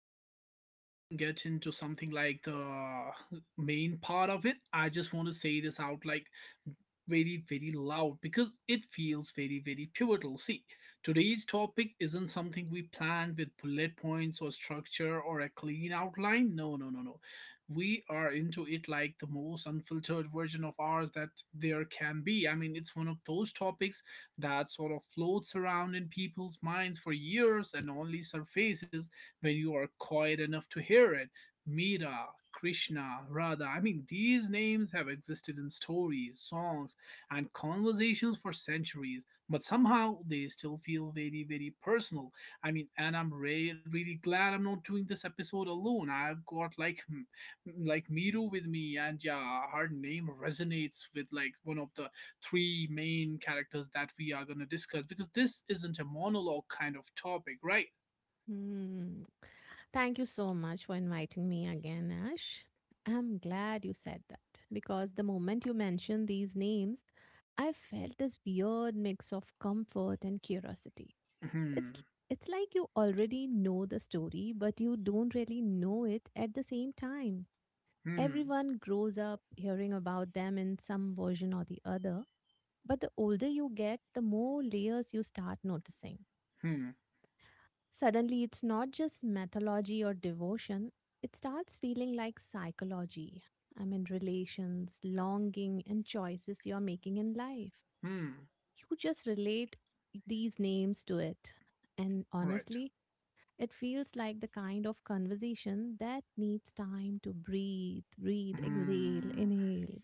before we even get into something like the main part of it, I just want to say this out like very, very loud because it feels very, very pivotal. See, today's topic isn't something we planned with bullet points or structure or a clean outline. No, no, no, no. We are into it like the most unfiltered version of ours that there can be. I mean, it's one of those topics that sort of floats around in people's minds for years and only surfaces when you are quiet enough to hear it. Mira, Krishna, Radha. I mean, these names have existed in stories, songs, and conversations for centuries, but somehow they still feel very, very personal. I mean, and I'm really glad I'm not doing this episode alone. I've got like Miru with me, and yeah, her name resonates with like one of the three main characters that we are going to discuss because this isn't a monologue kind of topic, right? Hmm. Thank you so much for inviting me again, Ash. I'm glad you said that because the moment you mentioned these names, I felt this weird mix of comfort and curiosity. It's Hmm, it's like you already know the story, but you don't really know it at the same time. hmm, Everyone grows up hearing about them in some version or the other, but the older you get, the more layers you start noticing. hmm, Suddenly, it's not just mythology or devotion, it starts feeling like psychology. I mean, relations, longing, and choices you're making in life. hmm, You just relate these names to it. And right. honestly, it feels like the kind of conversation that needs time to breathe, breathe, exhale, Hmm. inhale.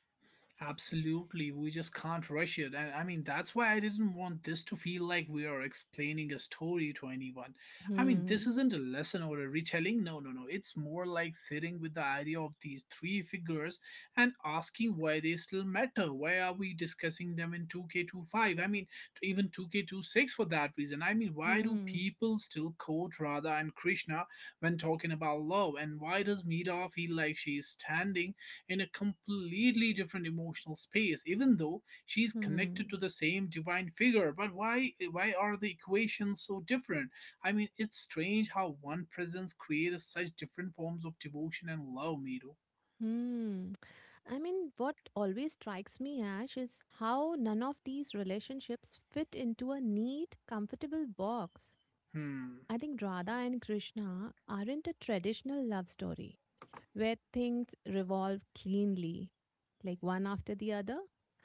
Absolutely, we just can't rush it. And I mean, that's why I didn't want this to feel like we are explaining a story to anyone. I mean, this Hmm, isn't a lesson or a retelling. No, no, no. It's more like sitting with the idea of these three figures and asking why they still matter. Why are we discussing them in 2K25? I mean, to even 2K26 for that reason. I mean, why do hmm, people still quote Radha and Krishna when talking about love? And why does Meera feel like she is standing in a completely different emotional space, even though she's connected hmm, to the same divine figure? But why are the equations so different? I mean, it's strange how one presence creates such different forms of devotion and love, Miru. hmm. I mean, what always strikes me, Ash, is how none of these relationships fit into a neat, comfortable box. Hmm, I think Radha and Krishna aren't a traditional love story where things revolve cleanly, like one after the other.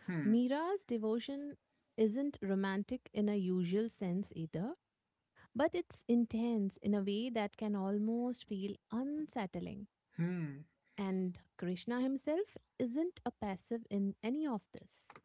hmm, Mira's devotion isn't romantic in a usual sense either, but it's intense in a way that can almost feel unsettling. hmm, And Krishna himself isn't a passive in any of this,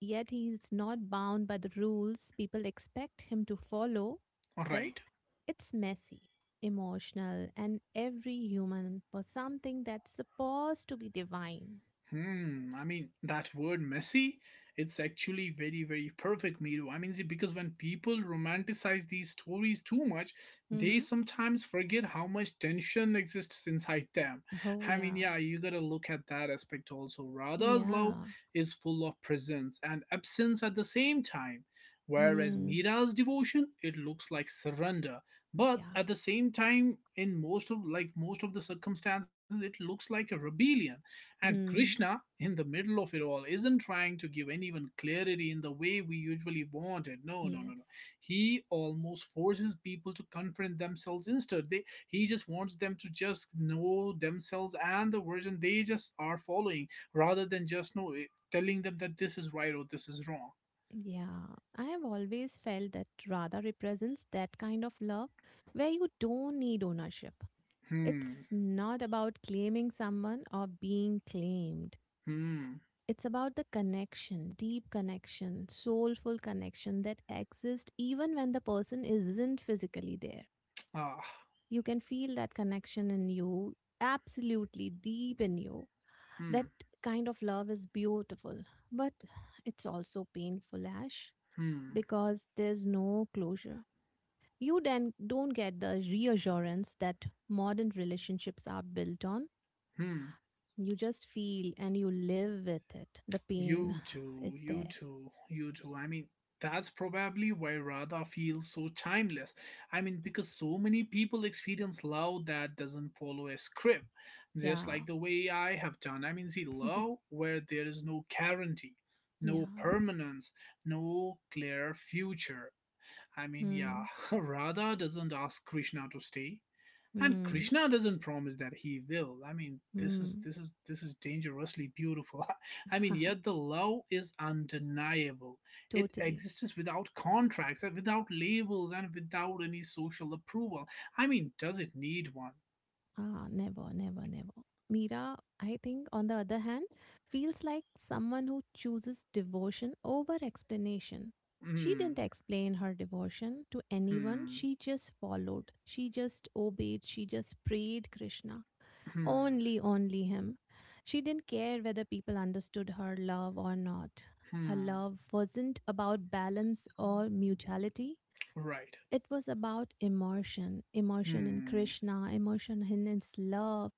yet he is not bound by the rules people expect him to follow, all right? right. It's messy, emotional, and every human for something that's supposed to be divine. Hmm. I mean, that word messy, it's actually very, very perfect, Miru. I mean, see, because when people romanticize these stories too much, they Mm-hmm. sometimes forget how much tension exists inside them. Oh, I mean, yeah. yeah, you gotta look at that aspect also. Radha's love Yeah. is full of presence and absence at the same time. Whereas Mm, Mira's devotion, it looks like surrender, but yeah. at the same time, in most of the circumstances, it looks like a rebellion. And Mm, Krishna, in the middle of it all, isn't trying to give anyone clarity in the way we usually want it. No, no, no, no. yes. He almost forces people to confront themselves instead. He just wants them to just know themselves and the version they just are following, rather than just know it, telling them that this is right or this is wrong. Yeah. I have always felt that Radha represents that kind of love where you don't need ownership. Hmm, It's not about claiming someone or being claimed. hmm, It's about the connection, deep connection, soulful connection that exists even when the person isn't physically there. ah, You can feel that connection in you, absolutely deep in you. hmm, That kind of love is beautiful, but it's also painful, Ash. hmm, Because there's no closure, you then don't get the reassurance that modern relationships are built on. hmm. You just feel and you live with it, the pain You too, is you there. too, you too. I mean, that's probably why Radha feels so timeless. I mean, because so many people experience love that doesn't follow a script, just Yeah. like the way I have done. I mean, see, love where there is no guarantee, no Yeah. permanence, no clear future. I mean, yeah, Mm, Radha doesn't ask Krishna to stay, and mm, Krishna doesn't promise that he will. I mean, this is mm. this is this is dangerously beautiful. I mean, yet the love is undeniable. It Totally. exists without contracts, and without labels, and without any social approval. I mean, does it need one? Ah, never, never, never. Mira, I think, on the other hand, feels like someone who chooses devotion over explanation. She Hmm, didn't explain her devotion to anyone. hmm, She just followed. She just obeyed. She just prayed Krishna. hmm, Only, only him. She didn't care whether people understood her love or not. Her hmm, love wasn't about balance or mutuality. right. It was about emotion, emotion in Hmm, Krishna, emotion in his love.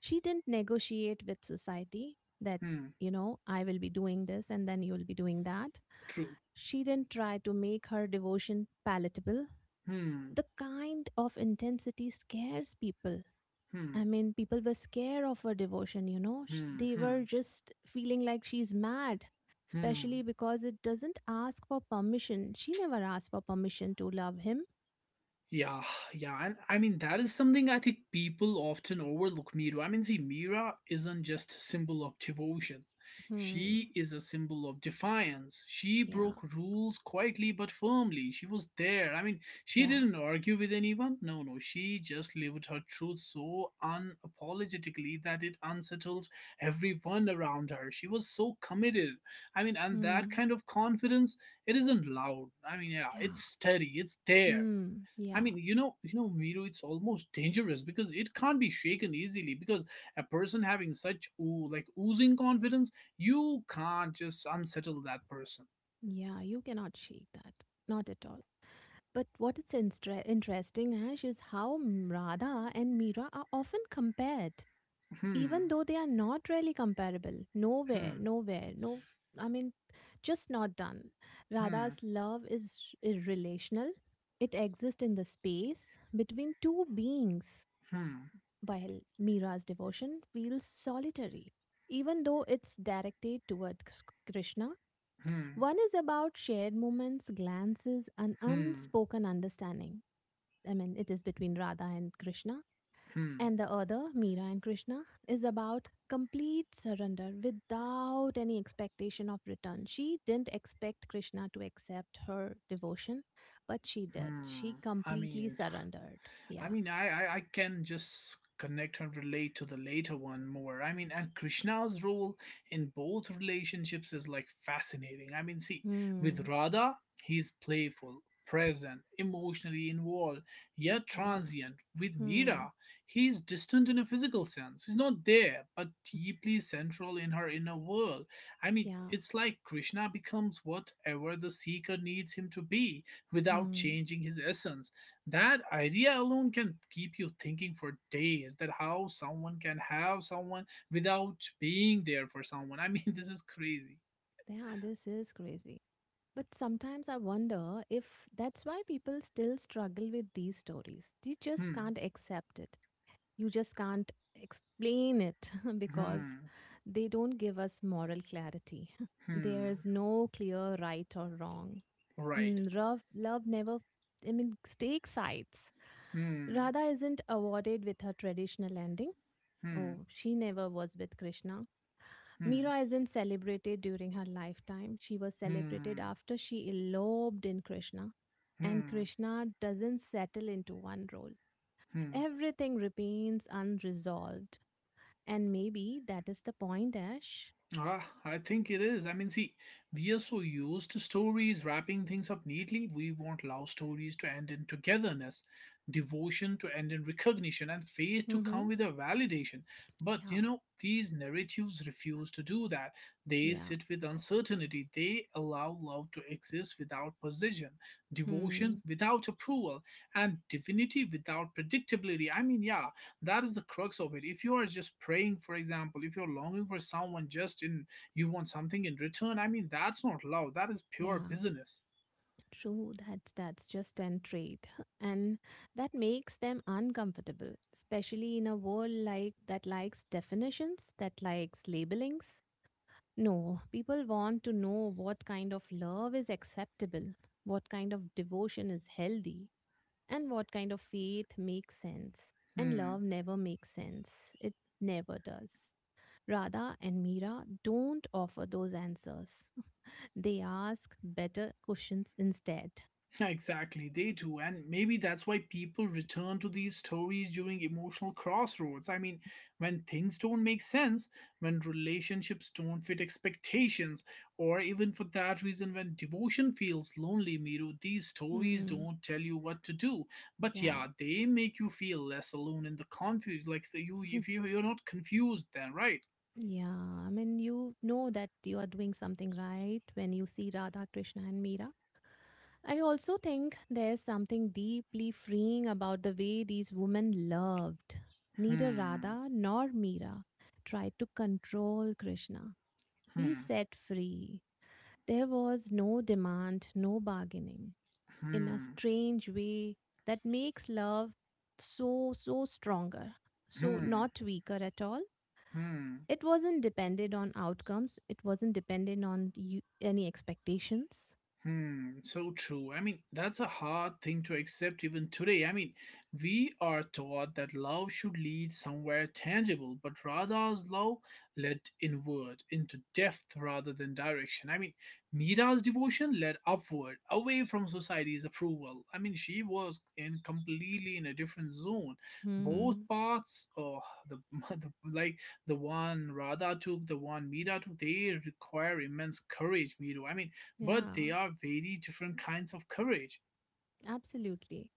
She didn't negotiate with society that, hmm, you know, I will be doing this and then you will be doing that. true. She didn't try to make her devotion palatable. Hmm, The kind of intensity scares people. I hmm, mean, people were scared of her devotion. Sh- hmm, They hmm, were just feeling like she's mad, especially hmm. because it doesn't ask for permission. She never asked for permission to love him. Yeah, yeah, and I mean that is something I think people often overlook, Mira. I mean, see, Mira isn't just a symbol of devotion. Hmm. She is a symbol of defiance. She Yeah. broke rules quietly but firmly. She was there. I mean, she Yeah. didn't argue with anyone. No, no, she just lived her truth so unapologetically that it unsettled everyone around her. She was so committed. I mean, and that Hmm. kind of confidence, it isn't loud. I mean, yeah, it's Yeah. steady. It's there. Hmm. I Yeah. mean, you know, Miru, it's almost dangerous because it can't be shaken easily. Because a person having such oo like oozing confidence, you can't just unsettle that person. Yeah. You cannot shake that. Not at all. But what is interesting, Ash, is how Radha and Meera are often compared, Hmm, even though they are not really comparable. Nowhere, hmm, nowhere, no. I mean, just not done. hmm, Radha's love is irrelational. It exists in the space between two beings, hmm, while Meera's devotion feels solitary, even though it's directed towards Krishna. hmm, One is about shared moments, glances, and hmm, unspoken understanding. I mean, it is between Radha and Krishna. hmm, And the other, Meera and Krishna, is about complete surrender without any expectation of return. She didn't expect Krishna to accept her devotion, but she did. hmm. She I completely mean, surrendered. I Yeah. mean, I can just connect and relate to the later one more. I mean, and Krishna's role in both relationships is like fascinating. I mean, see, Hmm. with Radha, he's playful, present, emotionally involved, yet Yeah. transient. With Hmm. Mira, he's distant in a physical sense. He's not there, but deeply central in her inner world. I mean, Yeah. it's like Krishna becomes whatever the seeker needs him to be without Hmm. changing his essence. That idea alone can keep you thinking for days, that how someone can have someone without being there for someone. I mean, this is crazy. Yeah, this is crazy. But sometimes I wonder if that's why people still struggle with these stories. They just Hmm, can't accept it. You just can't explain it because hmm, they don't give us moral clarity. hmm, There is no clear right or wrong. right. Love never, I mean, takes sides. Hmm, Radha isn't awarded with her traditional ending. hmm, Oh, she never was with Krishna. hmm, Meera isn't celebrated during her lifetime. She was celebrated hmm, after she eloped in Krishna. And hmm, Krishna doesn't settle into one role. hmm. Everything remains unresolved, and maybe that is the point, Ash. Ah, I think it is. I mean, see, we are so used to stories wrapping things up neatly. We want love stories to end in togetherness, devotion to end in recognition, and faith to Mm-hmm. come with a validation. But you Yeah. know, these narratives refuse to do that. They Yeah. sit with uncertainty. They allow love to exist without possession, devotion Hmm. without approval, and divinity without predictability. I mean, yeah, that is the crux of it. If you are just praying, for example, if you're longing for someone, just in, you want something in return, I mean, that's not love, that is pure Yeah. business. True. That's just an trait. And that makes them uncomfortable, especially in a world like that likes definitions, that likes labelings. No, people want to know what kind of love is acceptable, what kind of devotion is healthy, and what kind of faith makes sense. And love Hmm. never makes sense. It never does. Radha and Meera don't offer those answers. They ask better questions instead. Exactly, they do. And maybe that's why people return to these stories during emotional crossroads. I mean, when things don't make sense, when relationships don't fit expectations, or even for that reason, when devotion feels lonely, Miru, these stories Hmm. don't tell you what to do. But Yeah. yeah, they make you feel less alone in the confused. Like, the, you, if you, you're not confused, then, right? Yeah, I mean, you know that you are doing something right when you see Radha, Krishna, and Meera. I also think there's something deeply freeing about the way these women loved. Neither Hmm, Radha nor Meera tried to control Krishna. He hmm, set free. There was no demand, no bargaining. In a hmm, strange way, that makes love so, so stronger. So, hmm, not weaker at all. hmm. It wasn't dependent on outcomes, it wasn't dependent on you, any expectations. Hmm, so true. I mean, that's a hard thing to accept even today. I mean, we are taught that love should lead somewhere tangible, but Radha's love led inward, into depth rather than direction. I mean, Mira's devotion led upward, away from society's approval. I mean, she was in completely in a different zone. Both Hmm. paths, the, the like the one Radha took, the one Mira took, they require immense courage, Miru. I mean, but Yeah, they are very different kinds of courage. absolutely.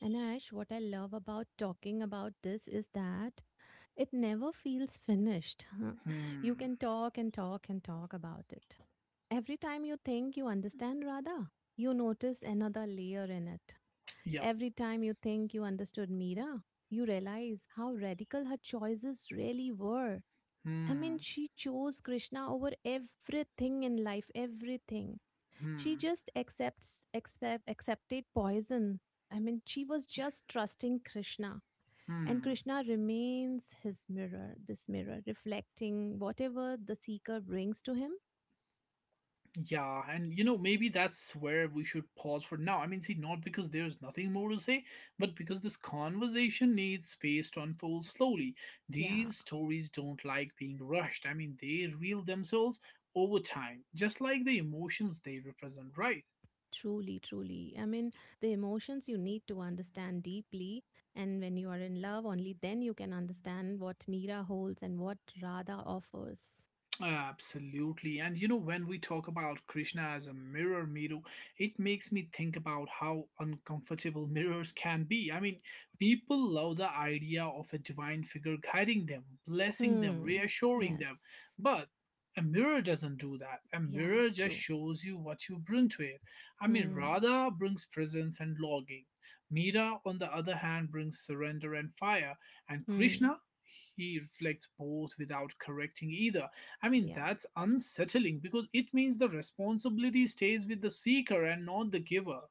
And Ash, what I love about talking about this is that it never feels finished. You Hmm. can talk and talk and talk about it. Every time you think you understand Radha, you notice another layer in it. Yep. Every time you think you understood Meera, you realize how radical her choices really were. I mean, Hmm. she chose Krishna over everything in life, everything. She Hmm. just accepted poison. I mean, she was just trusting Krishna. And Hmm. Krishna remains his mirror, this mirror, reflecting whatever the seeker brings to him. Yeah, and you know, maybe that's where we should pause for now. I mean, see, not because there's nothing more to say, but because this conversation needs space to unfold slowly. Yeah, These stories don't like being rushed. I mean, they reveal themselves over time, just like the emotions they represent, right? truly, truly. I mean, the emotions you need to understand deeply. And when you are in love, only then you can understand what Mira holds and what Radha offers. Absolutely. And you know, when we talk about Krishna as a mirror, Miru, it makes me think about how uncomfortable mirrors can be. I mean, people love the idea of a divine figure guiding them, blessing them, Hmm. reassuring them. Yes. But a mirror doesn't do that. A Yeah, mirror just true. shows you what you bring to it. I mean, Hmm. Radha brings presence and longing. Mira, on the other hand, brings surrender and fire. And Hmm. Krishna, he reflects both without correcting either. I mean, Yeah. that's unsettling because it means the responsibility stays with the seeker and not the giver.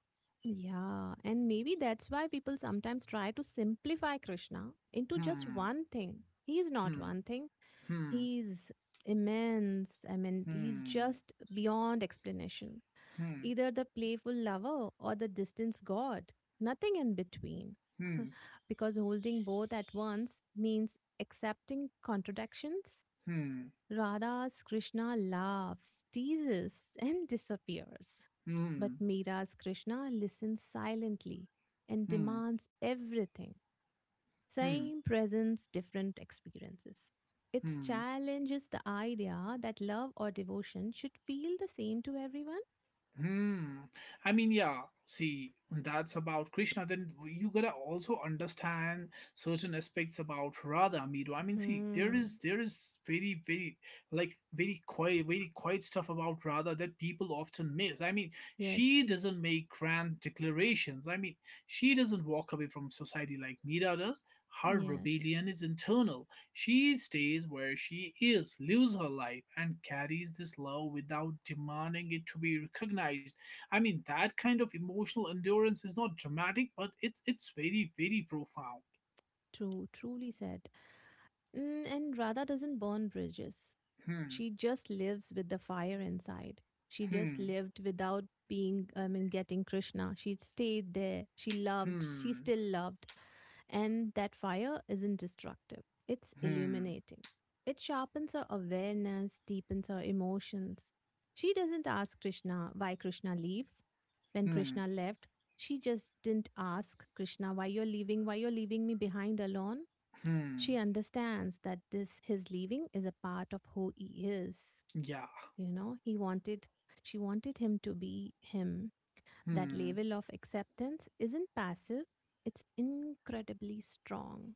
Yeah. And maybe that's why people sometimes try to simplify Krishna into just Hmm, one thing. He's not hmm, one thing, hmm, he's immense. I mean, he's hmm, just beyond explanation. hmm, Either the playful lover or the distance god, nothing in between. hmm, Because holding both at once means accepting contradictions. hmm, Radha's Krishna laughs, teases, and disappears. But hmm, Meera's Krishna listens silently and hmm, demands everything. hmm, Same presence, different experiences. It hmm. challenges the idea that love or devotion should feel the same to everyone. Hmm. I mean, yeah. See, that's about Krishna. Then you gotta also understand certain aspects about Radha, Miru. I mean, see, there is Hmm. there is very quiet stuff about Radha that people often miss. I mean, she Yes. doesn't make grand declarations. I mean, she doesn't walk away from society like Mira does. Her Yeah. rebellion is internal. She stays where she is, lives her life, and carries this love without demanding it to be recognized. I mean, that kind of emotional endurance is not dramatic, but it's very very profound. True. Truly said. And Radha doesn't burn bridges. Hmm. She just lives with the fire inside. She just Hmm. lived without being, I mean, getting Krishna. She stayed there. She loved. She Hmm. still loved. And that fire isn't destructive, it's Hmm. illuminating. It sharpens our awareness, deepens our emotions. She doesn't ask Krishna why Krishna leaves. When Hmm. Krishna left, she just didn't ask Krishna, why you're leaving me behind alone. Hmm. She understands that this his leaving is a part of who he is. Yeah. You know, he wanted she wanted him to be him. That Hmm. level of acceptance isn't passive, it's incredibly strong.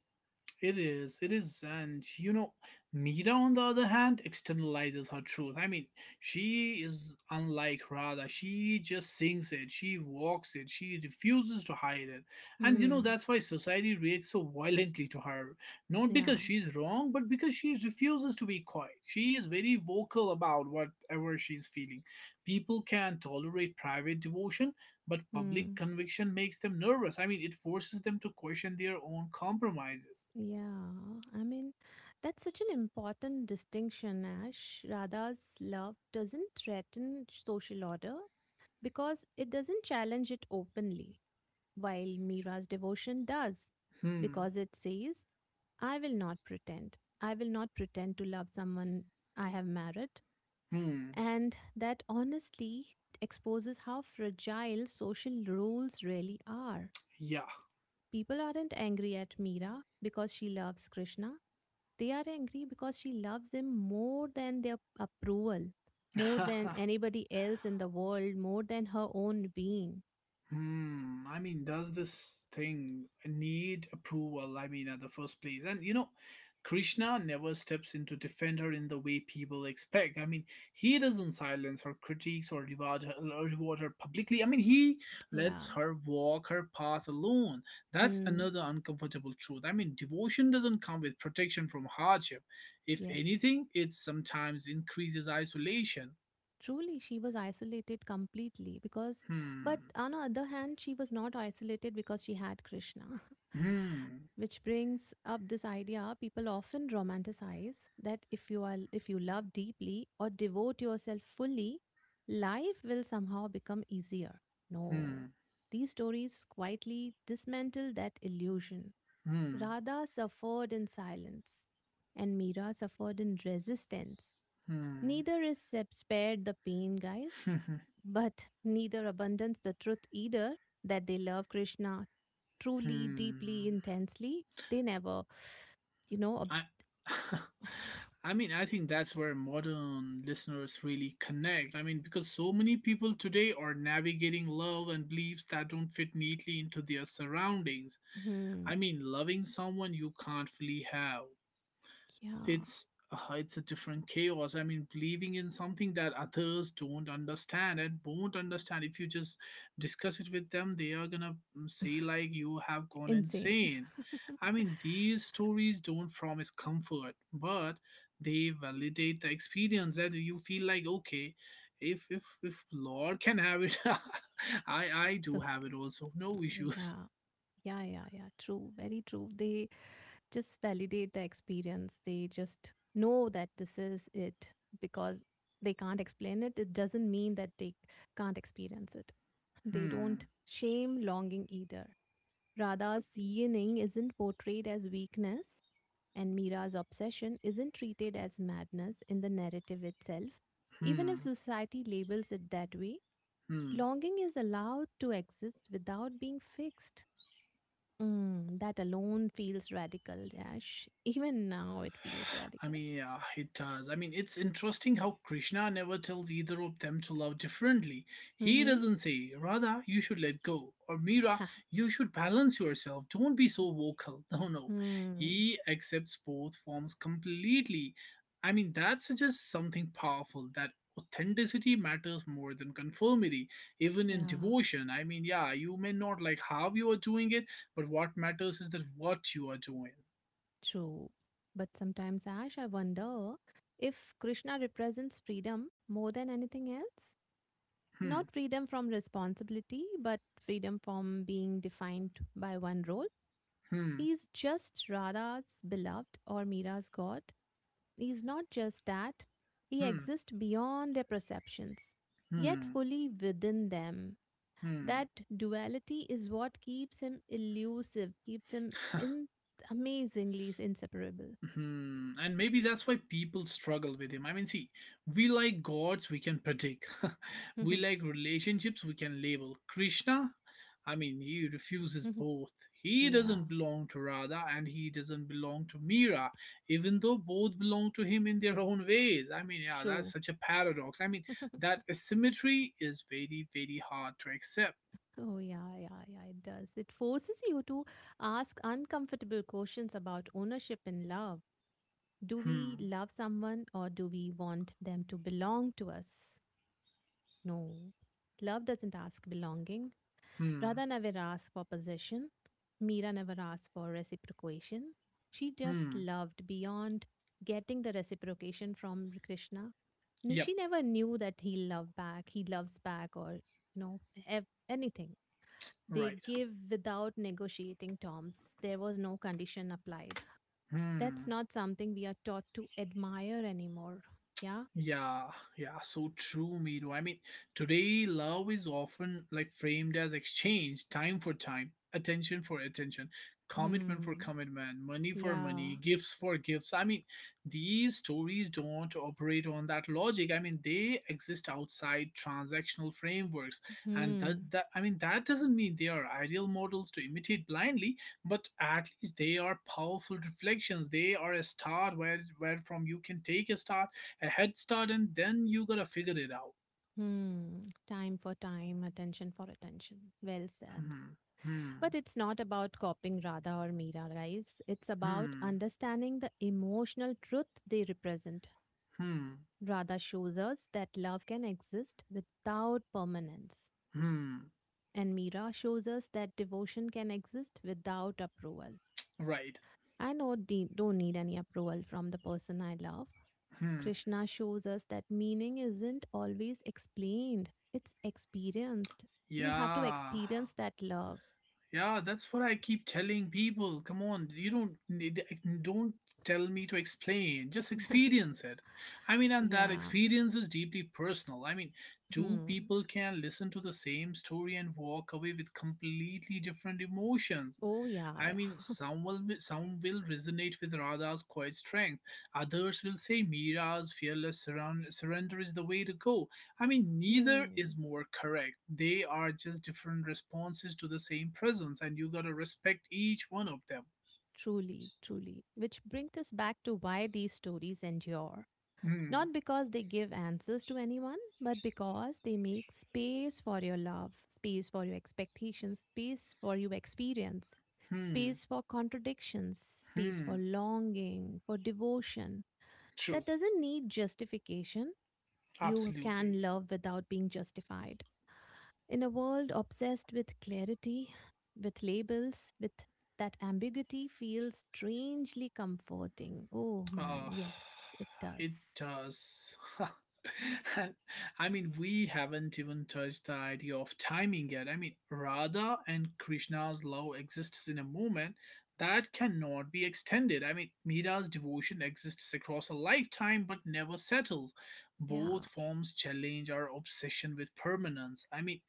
It is, and you know, Mira on the other hand externalizes her truth. I mean, she is unlike Radha. She just sings it, she walks it, she refuses to hide it. And you know, Hmm. that's why society reacts so violently to her. Not Yeah. because she's wrong, but because she refuses to be quiet. She is very vocal about whatever she's feeling. People can tolerate private devotion, but public Hmm. conviction makes them nervous. I mean, it forces them to question their own compromises. Yeah. I mean, that's such an important distinction, Ash. Radha's love doesn't threaten social order because it doesn't challenge it openly, while Mira's devotion does, Hmm. because it says, I will not pretend. I will not pretend to love someone I have married. Hmm. And that honestly exposes how fragile social rules really are. Yeah. People aren't angry at Meera because she loves Krishna. They are angry because she loves him more than their approval, more than anybody else in the world, more than her own being. Hmm. I mean, does this thing need approval? I mean, at the first place. And you know, Krishna never steps in to defend her in the way people expect. I mean, he doesn't silence her critiques or reward her publicly. I mean, he Yeah. lets her walk her path alone. That's Mm, another uncomfortable truth. I mean, devotion doesn't come with protection from hardship. If yes. anything, it sometimes increases isolation. Truly, she was isolated completely because, but Hmm. on the other hand, she was not isolated because she had Krishna. Hmm. Which brings up this idea people often romanticize that if you love deeply or devote yourself fully, life will somehow become easier. No. Hmm. These stories quietly dismantle that illusion. Hmm. Radha suffered in silence and Meera suffered in resistance. Hmm. Neither is spared the pain, guys, but neither abandons the truth either, that they love Krishna truly, Hmm. deeply, intensely. They never, you know, ob- I. I mean, I think that's where modern listeners really connect. I mean, because so many people today are navigating love and beliefs that don't fit neatly into their surroundings. I hmm, mean, loving someone you can't fully have, yeah, it's it's a different chaos. I mean, believing in something that others don't understand and won't understand. If you just discuss it with them, they are gonna say like you have gone insane. insane. I mean, these stories don't promise comfort, but they validate the experience, and you feel like, okay, if lord can have it, I So, do have it also, no issues. yeah, yeah, yeah, yeah, true, very true. They just validate the experience, they just know that this is it because they can't explain it. It doesn't mean that they can't experience it. They Hmm. don't shame longing either. Radha's yearning isn't portrayed as weakness, and Meera's obsession isn't treated as madness in the narrative itself. Even if Hmm. society labels it that way, Hmm. longing is allowed to exist without being fixed. That alone feels radical, Dash. Even now, it feels I radical. mean, yeah, it does. I mean, it's interesting how Krishna never tells either of them to love differently. He Mm-hmm. doesn't say, Radha, you should let go, or Mira, Yeah. you should balance yourself. Don't be so vocal. No, no. Hmm. He accepts both forms completely. I mean, that suggests something powerful, that authenticity matters more than conformity, even in Yeah. devotion. I mean, yeah, you may not like how you are doing it, but what matters is that what you are doing. True. But sometimes, Ash, I wonder if Krishna represents freedom more than anything else. Hmm, Not freedom from responsibility, but freedom from being defined by one role. hmm, He's just Radha's beloved or Mira's god. He's not just that, he hmm. exists beyond their perceptions, yet Hmm. fully within them. Hmm. That duality is what keeps him elusive, keeps him in amazingly inseparable. Hmm. And maybe that's why people struggle with him. I mean, see, we like gods we can predict, we like relationships we can label. Krishna, I mean, he refuses both. He Yeah, doesn't belong to Radha and he doesn't belong to Mira, even though both belong to him in their own ways. I mean, yeah, that's true. such a paradox. I mean, that asymmetry is very, very hard to accept. Oh, yeah, yeah, yeah, it does. It forces you to ask uncomfortable questions about ownership and love. Do we Hmm. love someone or do we want them to belong to us? No. Love doesn't ask belonging. Hmm. Radha never asked for possession. Meera never asked for reciprocation. She just Hmm. loved beyond getting the reciprocation from Krishna. Yep. She never knew that he loves back or you know anything. They Right. give without negotiating terms. There was no condition applied. That's Hmm. not something we are taught to admire anymore. Yeah. Yeah, yeah, so true, Miro. I mean, today love is often like framed as exchange, time for time, attention for attention, commitment for Hmm. commitment, money for Yeah. money, gifts for gifts. I mean, these stories don't operate on that logic. I mean, they exist outside transactional frameworks, and that, Hmm. that I mean, that doesn't mean they are ideal models to imitate blindly, but at least they are powerful reflections. They are a start where from you can take a head start, and then you gotta figure it out. Hmm. Time for time, attention for attention. Well said. Hmm, hmm, But it's not about copying Radha or Meera, guys. It's about hmm, understanding the emotional truth they represent. hmm, Radha shows us that love can exist without permanence, hmm. and Meera shows us that devotion can exist without approval. Right. I know, don't need any approval from the person I love. Hmm. Krishna shows us that meaning isn't always explained, it's experienced. You have to Yeah. experience that love. Yeah, that's what I keep telling people. Come on, you don't need, don't tell me to explain. Just experience it. I mean, and that Yeah. experience is deeply personal. I mean, two Hmm. people can listen to the same story and walk away with completely different emotions. Oh, yeah, I mean, yeah. Some will resonate with Radha's quiet strength. Others will say Mira's fearless surrender is the way to go. I mean, neither Hmm. is more correct. They are just different responses to the same presence, and you gotta respect each one of them. Truly, truly. Which brings us back to why these stories endure. Hmm. Not because they give answers to anyone, but because they make space for your love, space for your expectations, space for your experience, Hmm. space for contradictions, space for Hmm. longing, for devotion. That True. doesn't need justification. You Absolutely. can love without being justified. In a world obsessed with clarity, with labels, with that ambiguity feels strangely comforting. Oh man, Uh, yes, it it does. does. And I mean, we haven't even touched the idea of timing yet. I mean, Radha and Krishna's love exists in a moment that cannot be extended. I mean, Mira's devotion exists across a lifetime but never settles. Both Yeah. forms challenge our obsession with permanence. I mean,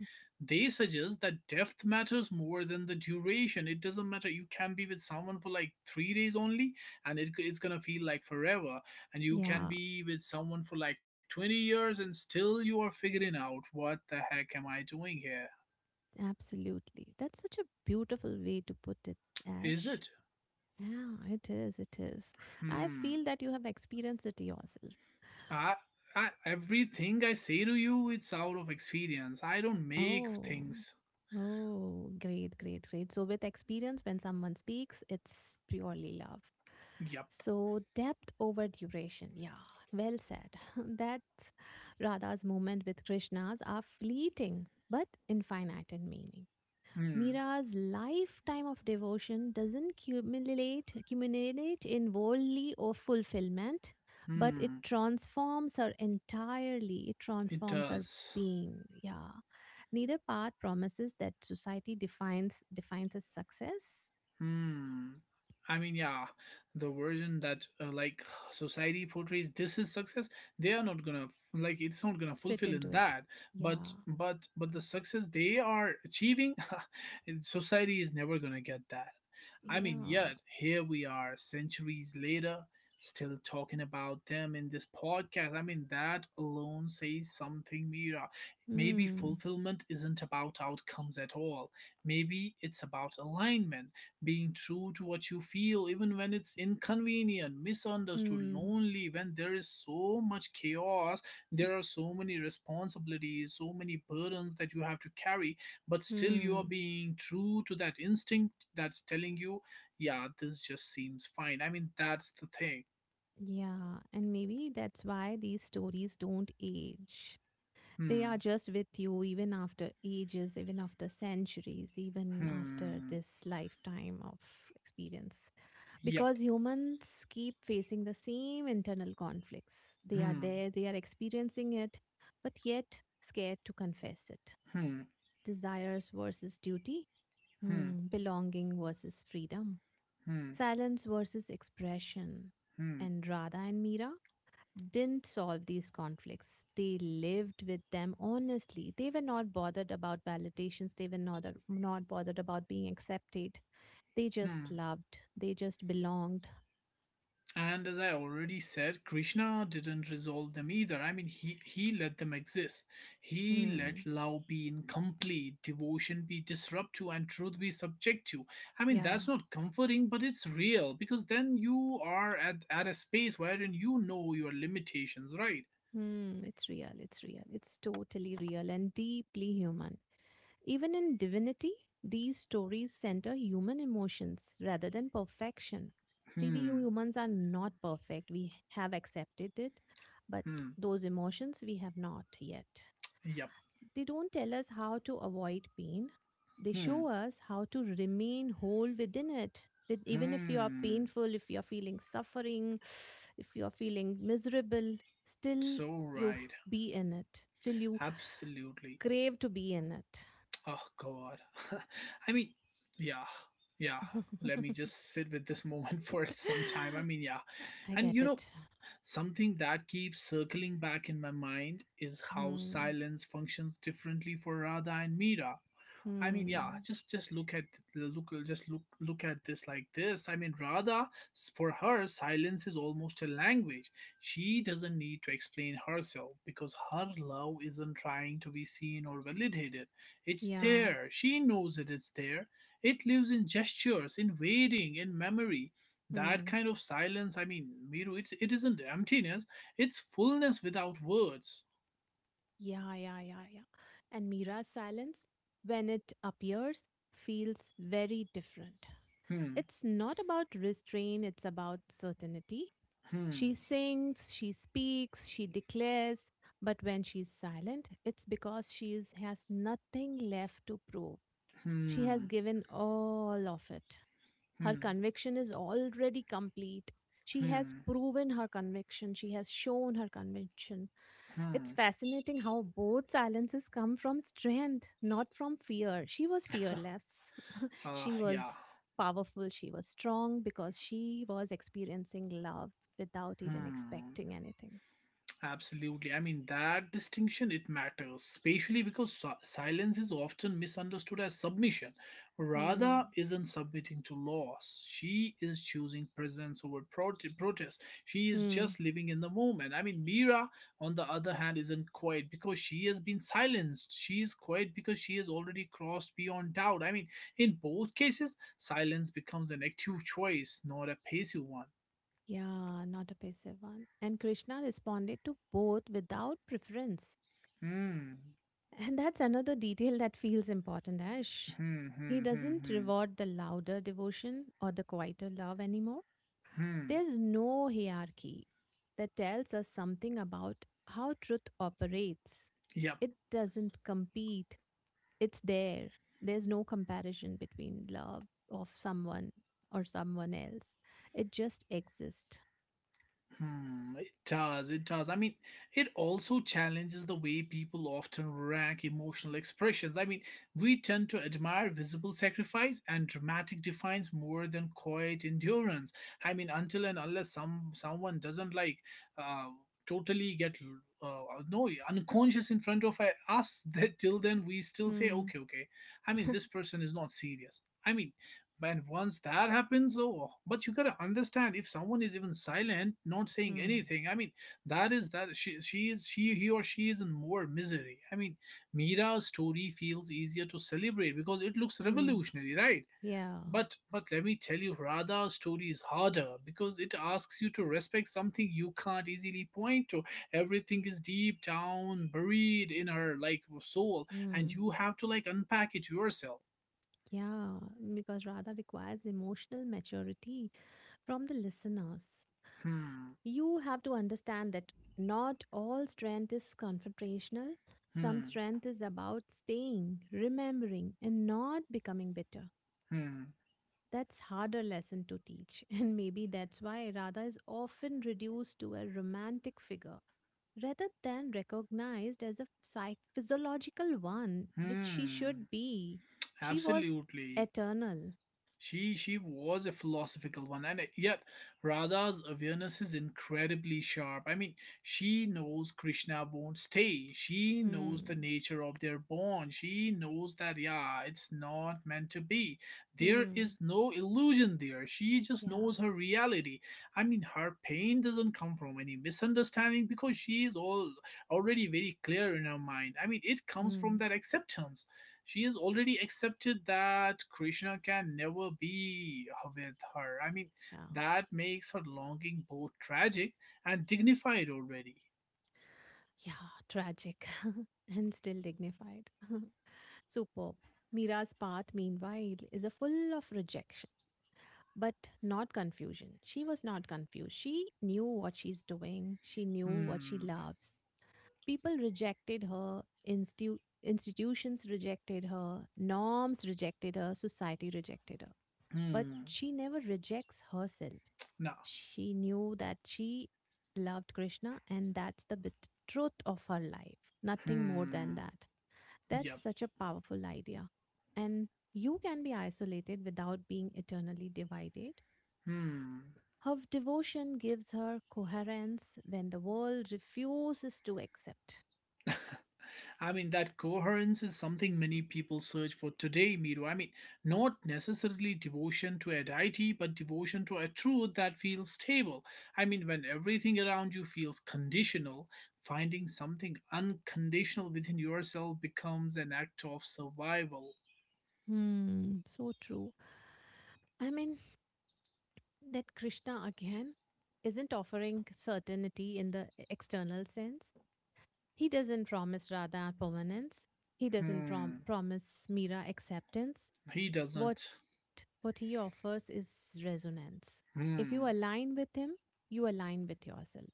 they suggest that depth matters more than the duration. It doesn't matter. You can be with someone for like 3 days only, and it's gonna feel like forever. And you can Yeah. be with someone for like 20 years and still you are figuring out what the heck am I doing here. Absolutely. That's such a beautiful way to put it, Is Ash. it? Yeah, it is. It is. I Hmm. feel that you have experienced it yourself. I, Everything I say to you, it's out of experience. I don't make Oh, things. oh, great, great, great. So, with experience, when someone speaks, it's purely love. Yep. So, depth over duration. Yeah, well said. That Radha's moment with Krishna's are fleeting but infinite in meaning. Hmm. Mira's lifetime of devotion doesn't accumulate in worldly or fulfillment, but it Hmm. transforms her entirely. It It transforms her does. being. Yeah. Neither path promises that society defines as success. Hmm. I mean, yeah, the version that like society portrays, this is success, they are not gonna like it's not gonna Fit fulfill in into it. that. But Yeah. but the success they are achieving, and society is never gonna get that. I mean, Yeah. yet here we are, centuries later, still talking about them in this podcast. I mean, that alone says something, Mira. Maybe Hmm. fulfillment isn't about outcomes at all. Maybe it's about alignment, being true to what you feel, even when it's inconvenient, misunderstood, Hmm. lonely, when there is so much chaos, there are so many responsibilities, so many burdens that you have to carry, but still you are Hmm. being true to that instinct that's telling you, yeah, this just seems fine. I mean, that's the thing. Yeah. And maybe that's why these stories don't age. They are Hmm, just with you even after ages, even after centuries, even after hmm, this lifetime of experience. yep, Because humans keep facing the same internal conflicts. They are hmm, there, they are experiencing it, but yet scared to confess it. hmm, Desires versus duty, hmm, belonging versus freedom, hmm, silence versus expression. hmm, And Radha and Meera didn't solve these conflicts. They lived with them honestly. They were not bothered about validations. They were not bothered about being accepted. They just hmm. loved. They just belonged. And as I already said, Krishna didn't resolve them either. I mean, he let them exist. He let Hmm. love be incomplete, devotion be disruptive, and truth be subject to. I mean, Yeah. that's not comforting, but it's real, because then you are at, a space wherein you know your limitations, right? It's real. It's real. It's totally real and deeply human. Even in divinity, these stories center human emotions rather than perfection. See, we Hmm, humans are not perfect. We have accepted it, but hmm, those emotions we have not yet. yep, They don't tell us how to avoid pain. They hmm, show us how to remain whole within it. Even if you are hmm. painful, if you are feeling suffering, if you are feeling miserable, still So you h- right, be in it. Still you absolutely. crave to be in it. Oh God. I mean, yeah, yeah. Let me just sit with this moment for some time. I mean, yeah. I And get you know, it. something that keeps circling back in my mind is how Hmm. silence functions differently for Radha and Mira. I mean, yeah, Hmm. just look at look just look look at this like this. I mean, Radha, for her, silence is almost a language. She doesn't need to explain herself because her love isn't trying to be seen or validated. It's Yeah. there. She knows it is there. It lives in gestures, in waiting, in memory. That Hmm. kind of silence, I mean, Miru, it isn't emptiness. It's fullness without words. Yeah, yeah, yeah, yeah. And Mira's silence, when it appears, feels very different. Hmm, It's not about restraint, it's about certainty. hmm, She sings, she speaks, she declares, but when she's silent, it's because has nothing left to prove. She has hmm, given all of it. Her hmm, conviction is already complete. She has hmm, proven her conviction, she has shown her conviction. It's hmm. fascinating how both silences come from strength, not from fear. She was fearless. She Yeah. was powerful, she was strong because she was experiencing love without even Hmm. expecting anything. Absolutely. I mean, that distinction it matters, especially because silence is often misunderstood as submission. Radha Hmm. isn't submitting to loss. She is choosing presence over protest. She is Hmm. just living in the moment. I mean, Mira, on the other hand, isn't quiet because she has been silenced. She is quiet because she has already crossed beyond doubt. I mean, in both cases, silence becomes an active choice, not a passive one. Yeah, not a passive one. And Krishna responded to both without preference. Hmm. And that's another detail that feels important, eh, Ash. Hmm, He hmm, hmm, doesn't hmm, reward the louder devotion or the quieter love anymore. hmm. There's no hierarchy that tells us something about how truth operates. Yep. It doesn't compete, it's there. There's no comparison between love of someone or someone else. It just exists. Hmm. It does. It does. I mean, it also challenges the way people often rank emotional expressions. I mean, we tend to admire visible sacrifice and dramatic defiance more than quiet endurance. I mean, until and unless someone doesn't like, uh, totally get, uh, no unconscious in front of us, that till then we still say, Hmm. okay, okay. I mean, this person is not serious. I mean, man, once that happens. Oh, but you gotta understand, if someone is even silent, not saying Hmm. anything, I mean, that is that she is she he or she is in more misery. I mean, Mira's story feels easier to celebrate because it looks Hmm. revolutionary, right? Yeah. But let me tell you, Radha's story is harder because it asks you to respect something you can't easily point to. Everything is deep down buried in her like soul, and Hmm. you have to like unpack it yourself. Yeah. Because Radha requires emotional maturity from the listeners. Hmm. You have to understand that not all strength is confrontational. Some Hmm. strength is about staying, remembering, and not becoming bitter. Hmm. That's harder lesson to teach, and maybe that's why Radha is often reduced to a romantic figure rather than recognized as a physiological one, which she should Hmm, be. She was absolutely. eternal. She was a philosophical one, and yet Radha's awareness is incredibly sharp. I mean, she knows Krishna won't stay. She knows the Hmm. nature of their bond. She knows that, yeah, it's not meant to be. There Hmm. is no illusion there. She just Yeah. knows her reality. I mean, her pain doesn't come from any misunderstanding, because she is all already very clear in her mind. I mean, it comes from Hmm. that acceptance. She has already accepted that Krishna can never be with her. I mean, Yeah. that makes her longing both tragic and dignified already. Yeah. Tragic and still dignified. Superb. Mira's path, meanwhile, is a full of rejection but not confusion. She was not confused. She knew what she's doing, she knew what she Hmm. loves. People rejected her, institutions rejected her, norms rejected her, society rejected her. But Hmm. she never rejects herself. No. She knew that she loved Krishna, and that's the truth of her life. Nothing more than Hmm. that. That's Yep. such a powerful idea. And you can be isolated without being eternally divided. Hmm. Her devotion gives her coherence when the world refuses to accept. I mean, that coherence is something many people search for today, Miru. I mean, not necessarily devotion to a deity, but devotion to a truth that feels stable. I mean, when everything around you feels conditional, finding something unconditional within yourself becomes an act of survival. Hmm, so true. I mean, that Krishna again isn't offering certainty in the external sense. He doesn't promise Radha permanence. He doesn't Hmm, promise Meera acceptance. he What doesn't. He offers is resonance. If you Hmm, align with him, you align with yourself.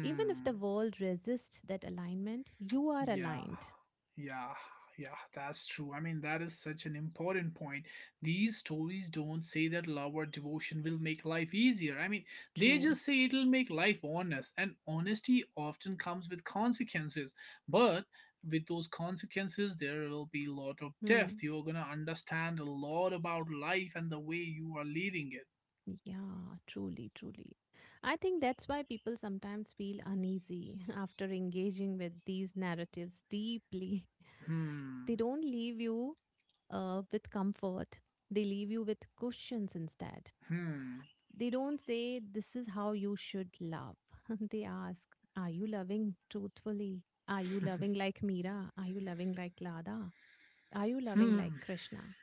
Even if the world resists that alignment, you are Yeah, aligned. yeah, yeah, that's true. I mean, that is such an important point. These stories don't say that love or devotion will make life easier. I mean, they True. just say it'll make life honest, and honesty often comes with consequences. But with those consequences, there will be a lot of Hmm. depth. You're gonna understand a lot about life and the way you are leading it. Yeah, truly, truly. I think that's why people sometimes feel uneasy after engaging with these narratives deeply. They Hmm, don't leave you with comfort, they leave you with questions instead. hmm, They don't say, "This is how you should love." They ask, "Are you loving truthfully? Are you loving like Meera? Are you loving like Lada? Are you loving like hmm. Krishna?"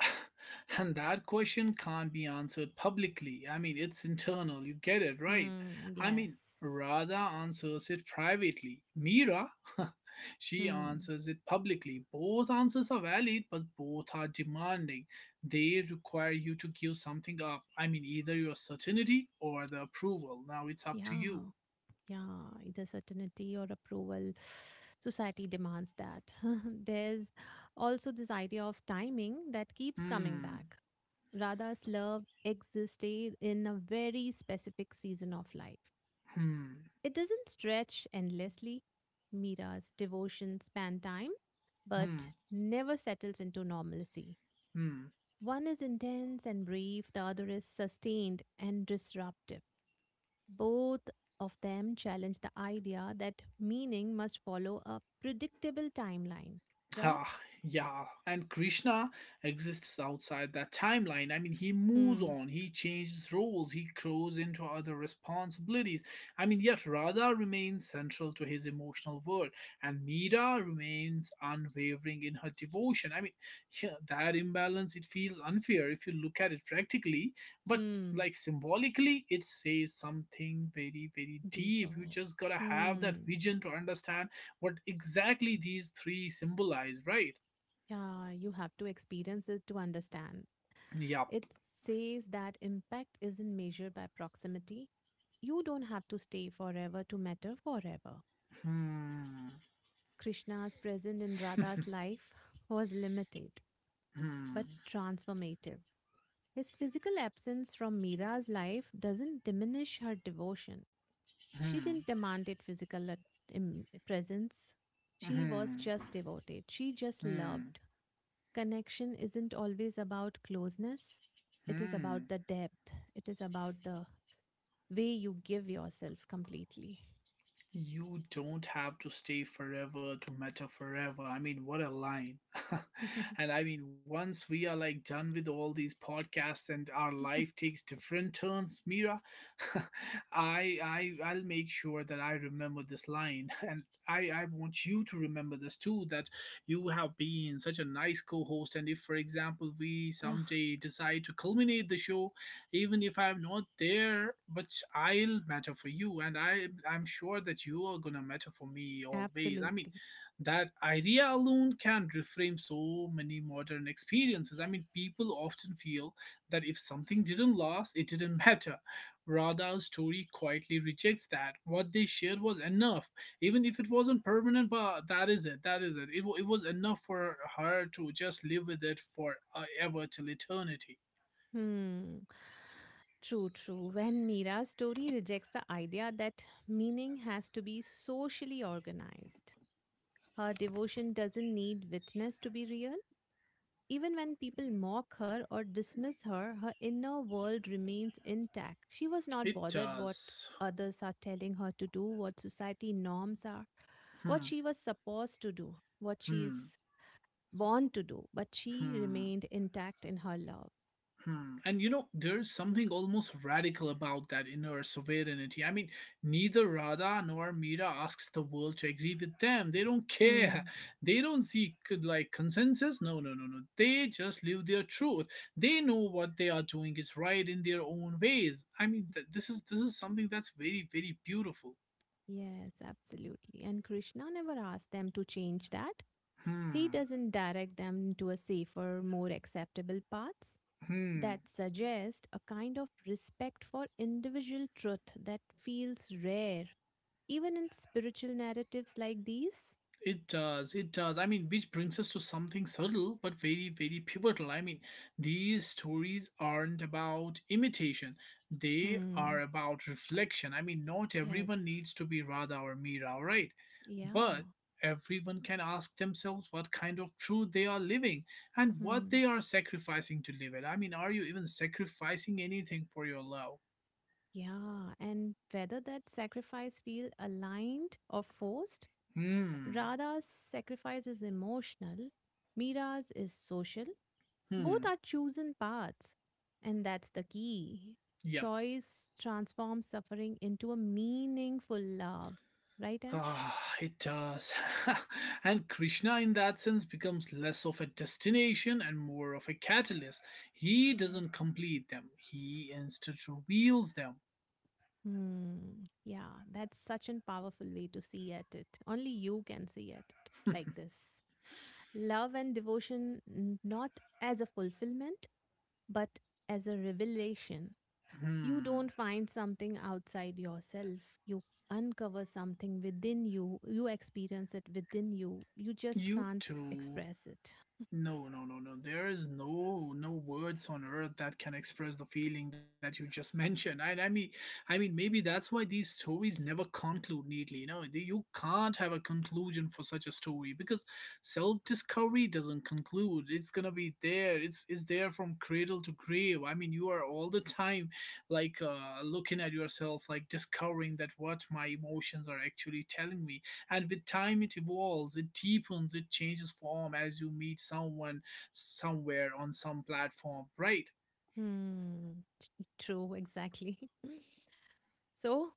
And that question can't be answered publicly. I mean, it's internal. You get it, right? Hmm, I yes. mean, Radha answers it privately. Mira, she Hmm, answers it publicly. Both answers are valid, but both are demanding. They require you to give something up. I mean, either your certainty or the approval. Now it's up to yeah. you. Yeah, either certainty or approval. Society demands that. There's also this idea of timing that keeps coming Hmm, back. Radha's love existed in a very specific season of life. hmm, It doesn't stretch endlessly. Mira's devotion span time, but hmm, never settles into normalcy. hmm. One is intense and brief, the other is sustained and disruptive. Both of them challenge the idea that meaning must follow a predictable timeline, Ah, right? yeah. And Krishna exists outside that timeline. I mean, he moves Hmm. on, he changes roles, he grows into other responsibilities. I mean, yet Radha remains central to his emotional world, and Meera remains unwavering in her devotion. I mean, yeah, that imbalance, it feels unfair if you look at it practically, but Hmm. like symbolically, it says something very, very deep. You Deeper. just gotta have that Hmm. vision to understand what exactly these three symbolize, right? Yeah, you have to experience it to understand. Yup. It says that impact isn't measured by proximity. You don't have to stay forever to matter forever. Hmm. Krishna's presence in Radha's life was limited Hmm. but transformative. His physical absence from Mira's life doesn't diminish her devotion. She Hmm. didn't demand it, physical presence. She was Hmm. just devoted. She just Hmm. loved. Connection isn't always about closeness. It is about Hmm. the depth. It is about the way you give yourself completely. You don't have to stay forever to matter forever. I mean, what a line. And I mean, once we are like done with all these podcasts and our life takes different turns, Mira, I'll make sure that I remember this line and I want you to remember this too, that you have been such a nice co-host, and if for example we Ah, someday decide to culminate the show, even if I'm not there, but I'll matter for you, and I'm sure that you are gonna matter for me always. I mean, absolutely. that idea alone can reframe so many modern experiences. I mean, people often feel that if something didn't last, it didn't matter. Rather, our story quietly rejects that. What they shared was enough, even if it wasn't permanent. But that is it, that is it, it was enough for her to just live with it for ever, till eternity. Hmm. True, true. When Mira's story rejects the idea that meaning has to be socially organized, her devotion doesn't need witness to be real. Even when people mock her or dismiss her, her inner world remains intact. She was not It bothered what does. others are telling her to do, what society norms are, what Hmm, she was supposed to do, what hmm, she's born to do, but she hmm, remained intact in her love. hmm. And you know, there's something almost radical about that inner sovereignty. I mean, neither Radha nor Mira asks the world to agree with them. They don't care. Hmm. They don't seek like consensus. No, no, no, no. They just live their truth. They know what they are doing is right in their own ways. I mean, this is something that's very, very beautiful. Yes, absolutely. And Krishna never asked them to change that. He Hmm, doesn't direct them to a safer, more acceptable path. hmm. That suggest a kind of respect for individual truth that feels rare, even in spiritual narratives like these. It does, it does. I mean, which brings us to something subtle but very, very pivotal. I mean, these stories aren't about imitation, they are Hmm. about reflection. I mean, not everyone Yes, needs to be Radha or Meera, right? yeah, But everyone can ask themselves what kind of truth they are living and what Hmm, they are sacrificing to live it. I mean, are you even sacrificing anything for your love? yeah. And whether that sacrifice feel aligned or forced, Hmm, Radha's sacrifice is emotional, Mira's is social. Both hmm, are chosen paths, and that's the key. yep. Choice transforms suffering into a meaningful love. Right, Ash? Ah, it does. And Krishna, in that sense, becomes less of a destination and more of a catalyst. He Mhm. doesn't complete them, he instead reveals them. Hmm. Yeah, that's such a powerful way to see at it. Only you can see at it like this. Love and devotion, not as a fulfillment, but as a revelation. You Hmm. don't find something outside yourself. You uncover something within you. You experience it within you. You just You can't too. express it. No, no, no, no. There is no no words on earth that can express the feeling that you just mentioned. I mean, maybe that's why these stories never conclude neatly. You know, you can't have a conclusion for such a story because self-discovery doesn't conclude. It's gonna be there. It's there from cradle to grave. I mean, you are all the time like looking at yourself, like discovering that what my emotions are actually telling me, and with time it evolves, it deepens, it changes form as you meet someone somewhere on some platform, right? Hmm. True, exactly. So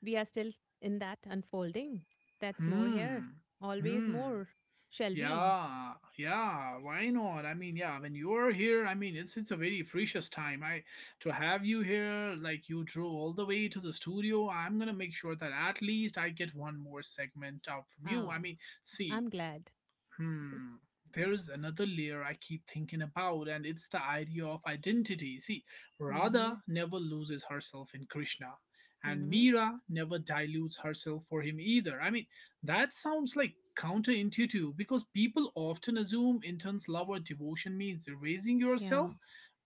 we are still in that unfolding. That's more Hmm. here. Always Hmm. more. Shall we? Yeah, yeah, why not? I mean, yeah, when you're here, I mean, it's a very precious time. I to have you here, like you drove all the way to the studio, I'm gonna make sure that at least I get one more segment out from you. Ah, I mean, see. I'm glad. Hmm. There is another layer I keep thinking about, and it's the idea of identity. See, Radha Mm-hmm. never loses herself in Krishna, and Mm-hmm. Meera never dilutes herself for him either. I mean, that sounds like counterintuitive because people often assume intense love or devotion means erasing Yeah. yourself,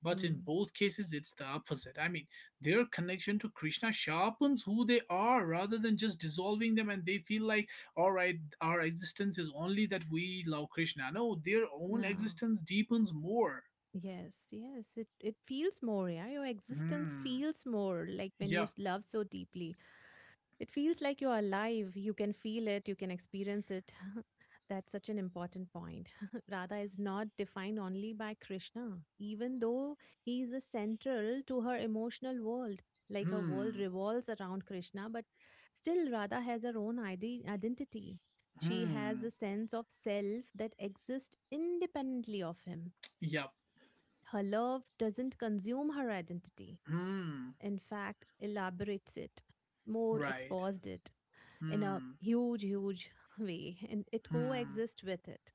but in Hmm. both cases, it's the opposite. I mean, their connection to Krishna sharpens who they are rather than just dissolving them, and they feel like, all right, our existence is only that we love Krishna. No, their own No. existence deepens more. Yes, yes. It feels more, yeah. Your existence Hmm. feels more like when you Yep. Love so deeply. It feels like you're alive. You can feel it, you can experience it. That's such an important point. Radha is not defined only by Krishna, even though he is a central to her emotional world. Like her world Hmm. revolves around Krishna, but still, Radha has her own identity. She has Hmm. a sense of self that exists independently of him. Yep. Her love doesn't consume her identity, Hmm. in fact, elaborates it, more Right. exposed it in a Hmm. huge, huge way, and it Hmm. coexists with it.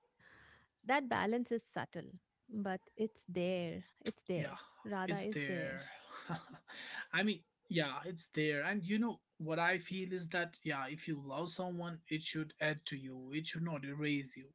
That balance is subtle, but it's there. It's Yeah. there. Radha It's is there. there. I mean, yeah, it's there. And you know what I feel is that yeah, if you love someone, it should add to you. It should not erase you.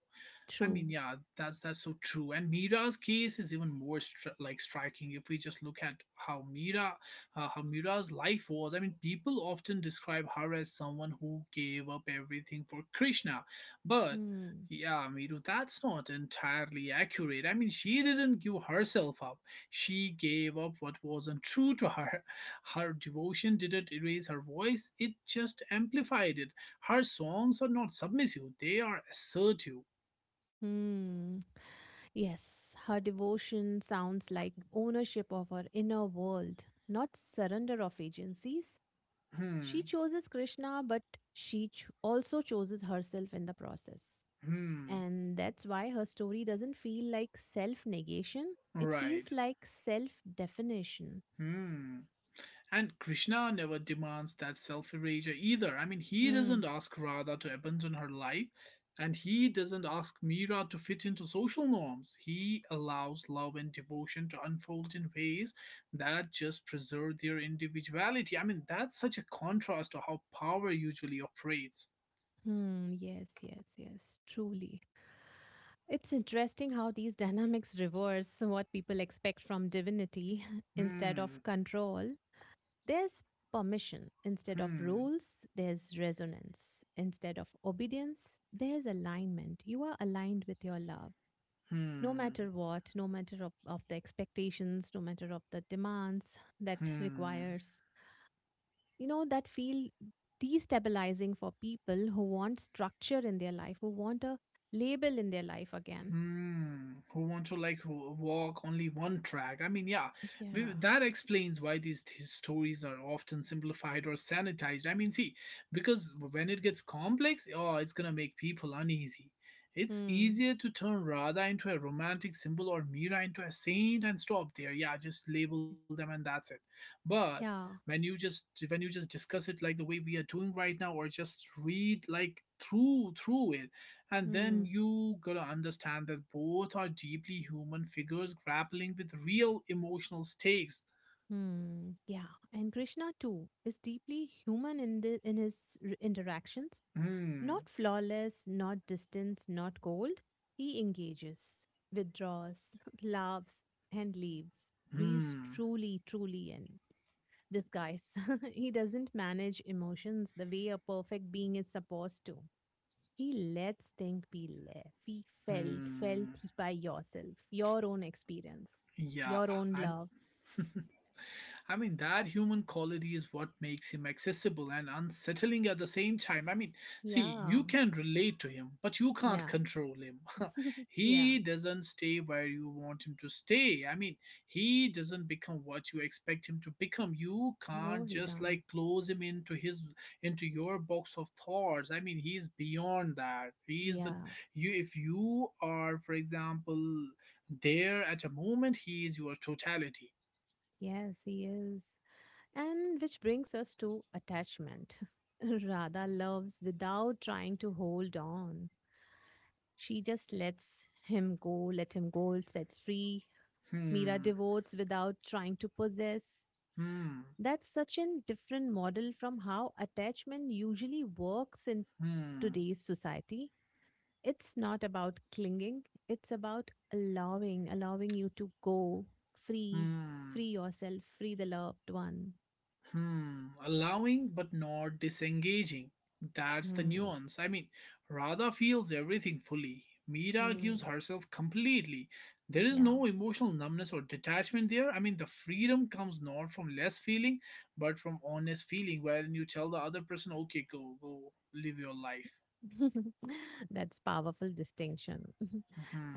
I True. mean, yeah, that's so true. And Mira's case is even more striking if we just look at how Mira, how Mira's life was. I mean, people often describe her as someone who gave up everything for Krishna, but Hmm. yeah, Miru, that's not entirely accurate. I mean, she didn't give herself up. She gave up what wasn't true to her. Her devotion didn't erase her voice; it just amplified it. Her songs are not submissive; they are assertive. Hmm. Yes, her devotion sounds like ownership of her inner world, not surrender of agencies. She Hmm, chooses Krishna, but she also chooses herself in the process. hmm, And that's why her story doesn't feel like self negation, it right. feels like self definition. Hmm. And Krishna never demands that self erasure either. I mean, he doesn't Hmm. ask Radha to abandon her life, and he doesn't ask Meera to fit into social norms. He allows love and devotion to unfold in ways that just preserve their individuality. I mean, that's such a contrast to how power usually operates. Hmm, yes, yes, yes, truly. It's interesting how these dynamics reverse what people expect from divinity. Instead Hmm, of control, there's permission. Instead of hmm, rules, there's resonance. Instead of obedience, there's alignment. You are aligned with your love, no hmm, matter what, no matter of the expectations, no matter of the demands that hmm. requires, that feel destabilizing for people who want structure in their life, who want a label in their life again. Hmm, who want to like walk only one track? I mean, yeah, Yeah. that explains why these stories are often simplified or sanitized. I mean, see, because when it gets complex, oh, it's gonna make people uneasy. It's Hmm. easier to turn Radha into a romantic symbol or Mira into a saint and stop there. Yeah, just label them and that's it. But Yeah. When you just discuss it like the way we are doing right now, or just read like through it, and then Hmm. you gotta understand that both are deeply human figures grappling with real emotional stakes. Hmm. Yeah. And Krishna too is deeply human in the in his interactions. Hmm, Not flawless, not distant, not cold, he engages, withdraws, laughs, and leaves. He is hmm, truly, truly in disguise. He doesn't manage emotions the way a perfect being is supposed to. He lets things be left. He felt hmm. by yourself, your own experience, Yeah, your own I'm. love. I mean, that human quality is what makes him accessible and unsettling at the same time. I mean, see, Yeah, you can relate to him, but you can't yeah, control him. yeah. He doesn't stay where you want him to stay. I mean, he doesn't become what you expect him to become. You Oh, can't he just done. like close him into your box of thoughts. I mean, he's beyond that. He is Yeah, the you if you are, for example, there, at a moment, he is your totality. yes, he is. And which brings us to attachment. Radha loves without trying to hold on. She just lets him go, let him go, sets free. Mira Hmm, devotes without trying to possess. hmm, That's such a different model from how attachment usually works in hmm, today's society. It's not about clinging, it's about allowing you to go free, hmm, free yourself, free the loved one. hmm. Allowing but not disengaging. That's the Hmm. nuance. I mean, Radha feels everything fully. Meera gives Hmm. herself completely. There is Yeah. no emotional numbness or detachment there. I mean, the freedom comes not from less feeling, but from honest feeling, wherein you tell the other person, okay, go, go, live your life. That's powerful distinction.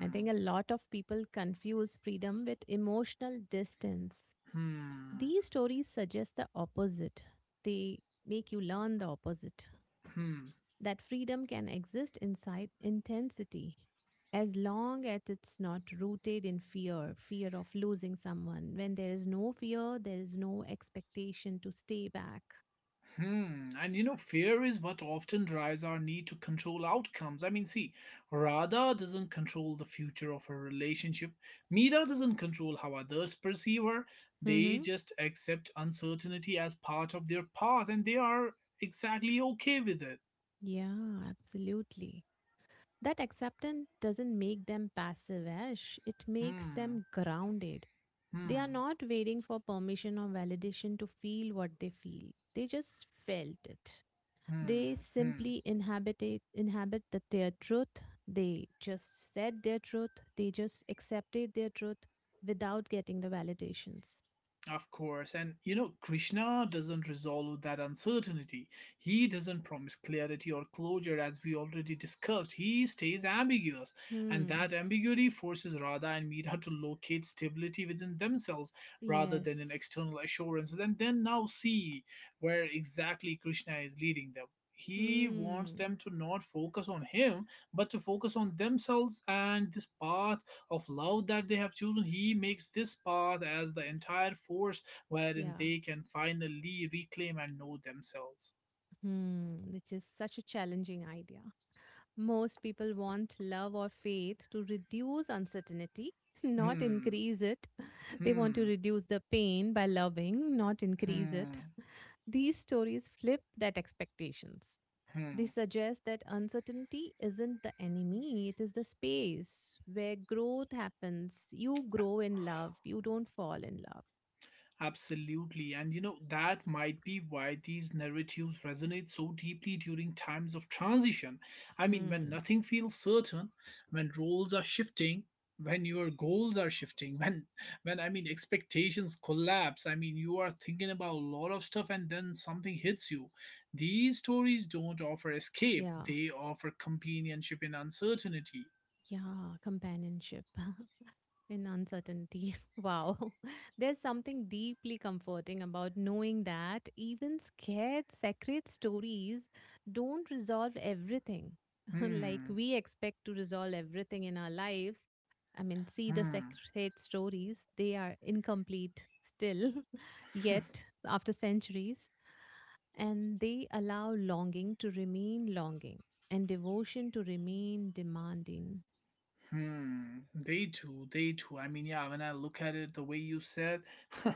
I think a lot of people confuse freedom with emotional distance. hmm, These stories suggest the opposite. They make you learn the opposite, hmm. that freedom can exist inside intensity as long as it's not rooted in fear of losing someone. When there is no fear, there is no expectation to stay back. Hmm, and you know, fear is what often drives our need to control outcomes. I mean, see, Radha doesn't control the future of her relationship. Mira doesn't control how others perceive her. They Mhm. just accept uncertainty as part of their path, and they are exactly okay with it. Yeah, absolutely. That acceptance doesn't make them passive, ash it makes them Hmm, grounded. They are hmm, not waiting for permission or validation to feel what they feel. They just felt it. hmm, They hmm. simply inhabit it, inhabit their truth. They just said their truth. They just accepted their truth without getting the validations. Of course, and you know, Krishna doesn't resolve that uncertainty. He doesn't promise clarity or closure, as we already discussed. He stays ambiguous, and Hmm. that ambiguity forces Radha and Meera to locate stability within themselves rather than in Yes. external assurances, and then now see where exactly Krishna is leading them. He wants Hmm. them to not focus on him, but to focus on themselves, and this path of love that they have chosen, he makes this path as the entire force wherein Yeah. they can finally reclaim and know themselves. Hmm. Which is such a challenging idea. Most people want love or faith to reduce uncertainty, not Hmm, increase it. They want to hmm, reduce the pain by loving, not increase it. hmm, These stories flip that expectations. They hmm. suggest that uncertainty isn't the enemy, it is the space where growth happens. You grow in love, you don't fall in love. Absolutely. And you know, that might be why these narratives resonate so deeply during times of transition. I mean, when Hmm. nothing feels certain, when roles are shifting, when your goals are shifting, when I mean expectations collapse, I mean you are thinking about a lot of stuff and then something hits you. These stories don't offer escape, Yeah. they offer companionship in uncertainty. Yeah. Companionship in uncertainty. Wow. There's something deeply comforting about knowing that even scared sacred stories don't resolve everything. Like Hmm. we expect to resolve everything in our lives. I mean, see the Hmm. sacred stories, they are incomplete still, yet, after centuries, and they allow longing to remain longing and devotion to remain demanding. Hmm, they do, they do. I mean, yeah, when I look at it the way you said,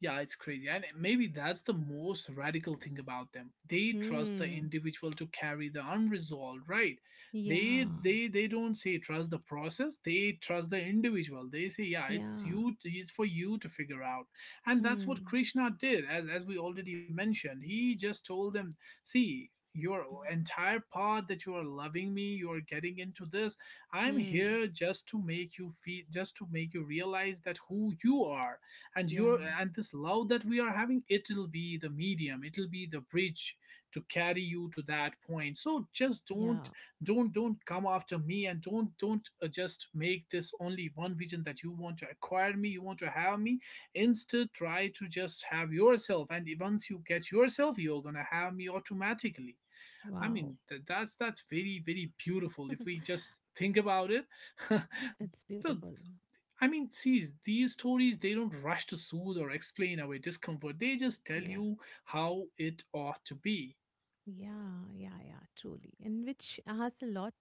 yeah, it's crazy. And maybe that's the most radical thing about them. They trust the Hmm. individual to carry the unresolved, right? They Yeah. they they don't say trust the process, they trust the individual. They say, yeah, it's Yeah. you, it's for you to figure out. And that's what Hmm. Krishna did, as we already mentioned. He just told them, see, your entire path that you are loving me, you are getting into this, I'm Hmm. here just to make you feel, just to make you realize that who you are, and your Yeah. and this love that we are having, it'll be the medium, it'll be the bridge to carry you to that point. So just Yeah. Don't come after me, and don't just make this only one vision that you want to acquire me, you want to have me. Instead try to just have yourself, and once you get yourself you're gonna have me automatically. I Wow. mean, that's very very beautiful if we just think about it. It's the, beautiful. I mean, see, these stories they don't rush to soothe or explain away discomfort. They just tell Yeah. you how it ought to be. Yeah, yeah, yeah, truly. And which asks a lot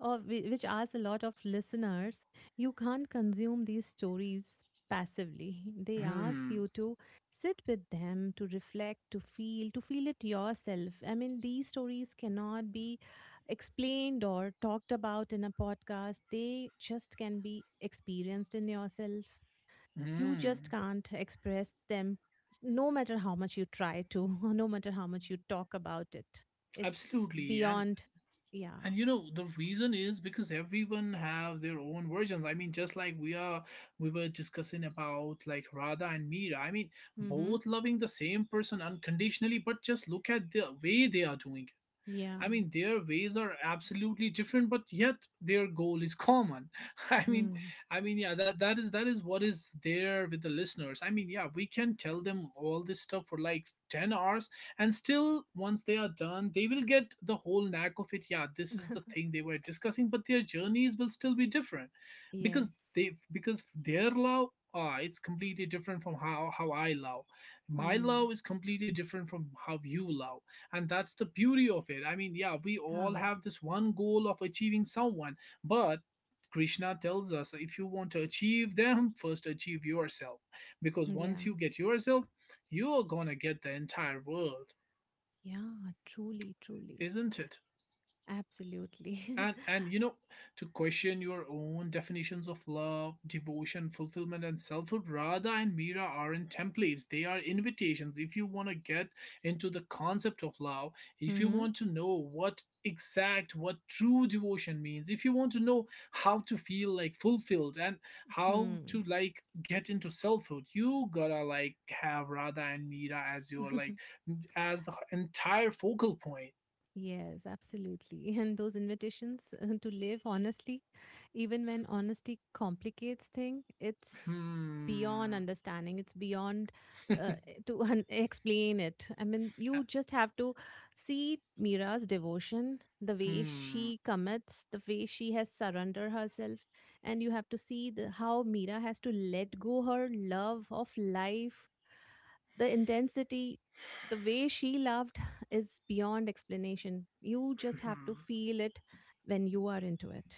of whi- which asks a lot of listeners. You can't consume these stories passively. They ask Hmm. you to sit with them, to reflect, to feel it yourself. I mean, these stories cannot be explained or talked about in a podcast. They just can be experienced in yourself. You just Hmm. can't express them, no matter how much you try to, no matter how much you talk about it. It's Absolutely. And beyond. and Yeah. you know the reason is because everyone have their own versions. I mean, just like we are we were discussing about like Radha and Mira. I mean, Mm-hmm. both loving the same person unconditionally, but just look at the way they are doing. Yeah. I mean, their ways are absolutely different, but yet their goal is common. I mean, Hmm. Yeah, that is what is there with the listeners. I mean, yeah, we can tell them all this stuff for like 10 hours, and still, once they are done, they will get the whole knack of it. Yeah, this is the thing they were discussing, but their journeys will still be different, Yes. because their love. Ah, it's completely different from how I love. My Hmm. love is completely different from how you love, and that's the beauty of it. I mean, yeah, we all Oh, have this one goal of achieving someone, but Krishna tells us, if you want to achieve them, first achieve yourself, because yeah. once you get yourself, you're gonna get the entire world. Yeah, truly, truly. Isn't it? Absolutely. and and you know, to question your own definitions of love, devotion, fulfillment and selfhood. Radha and Mira aren't templates, they are invitations. If you want to get into the concept of love, if you Mm-hmm. want to know what exact what true devotion means, if you want to know how to feel like fulfilled and how Hmm. to like get into selfhood, you gotta like have Radha and Mira as your like as the entire focal point. Yes, absolutely. And those invitations to live honestly, even when honesty complicates thing, it's beyond Hmm. understanding. It's beyond to explain it. I mean, you just have to see Mira's devotion, the way Hmm. she commits, the way she has surrendered herself, and you have to see how Mira has to let go her love of life, the intensity, the way she loved is beyond explanation. You just have to Hmm. feel it when you are into it.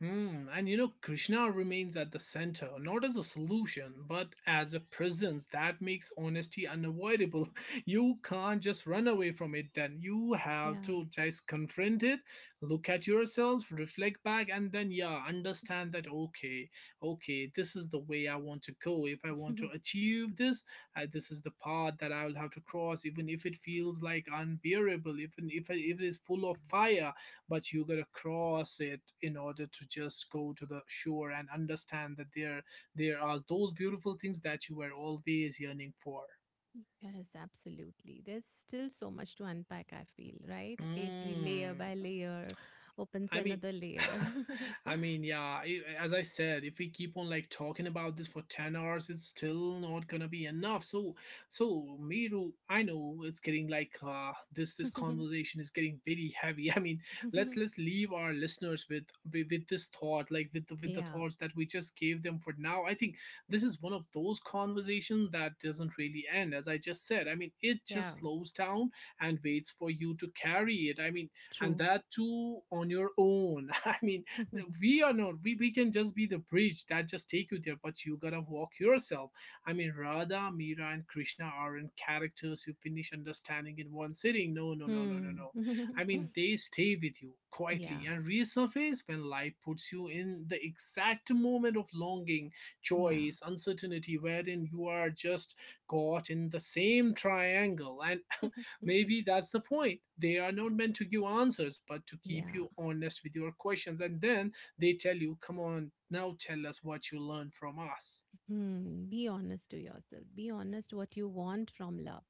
And you know, Krishna remains at the center, not as a solution, but as a presence that makes honesty unavoidable. You can't just run away from it, then. You have Yeah. to just confront it, look at yourself, reflect back, and then, yeah, understand that, okay, okay, this is the way I want to go. If I want to achieve this, this is the path that I will have to cross, even if it feels like unbearable, even if it is full of fire, but you gotta cross it in order to just go to the shore and understand that there are those beautiful things that you were always yearning for. Yes, absolutely. There's still so much to unpack, I feel, right? Every layer Mm. by layer opens I mean, another layer. I mean, yeah. As I said, if we keep on like talking about this for 10 hours, it's still not gonna be enough. So, so Miru, I know it's getting like this. This conversation is getting very heavy. I mean, let's let's leave our listeners with with this thought, like with with the Yeah. thoughts that we just gave them for now. I think this is one of those conversations that doesn't really end. As I just said, I mean, it Yeah. just slows down and waits for you to carry it. I mean, and True. that too on your own. I mean, we are not we, we can just be the bridge that just take you there, but you gotta walk yourself. I mean, Radha, Mira and Krishna aren't characters you finish understanding in one sitting. No, no, no, no, no, Hmm. no. I mean, they stay with you Yeah. quietly and resurface when life puts you in the exact moment of longing, Yeah. choice, uncertainty, wherein you are just caught in the same triangle, and maybe that's the point. They are not meant to give answers, but to keep Yeah. you honest with your questions. And then they tell you, come on, now tell us what you learned from us. Hmm. Be honest to yourself. Be honest what you want from love.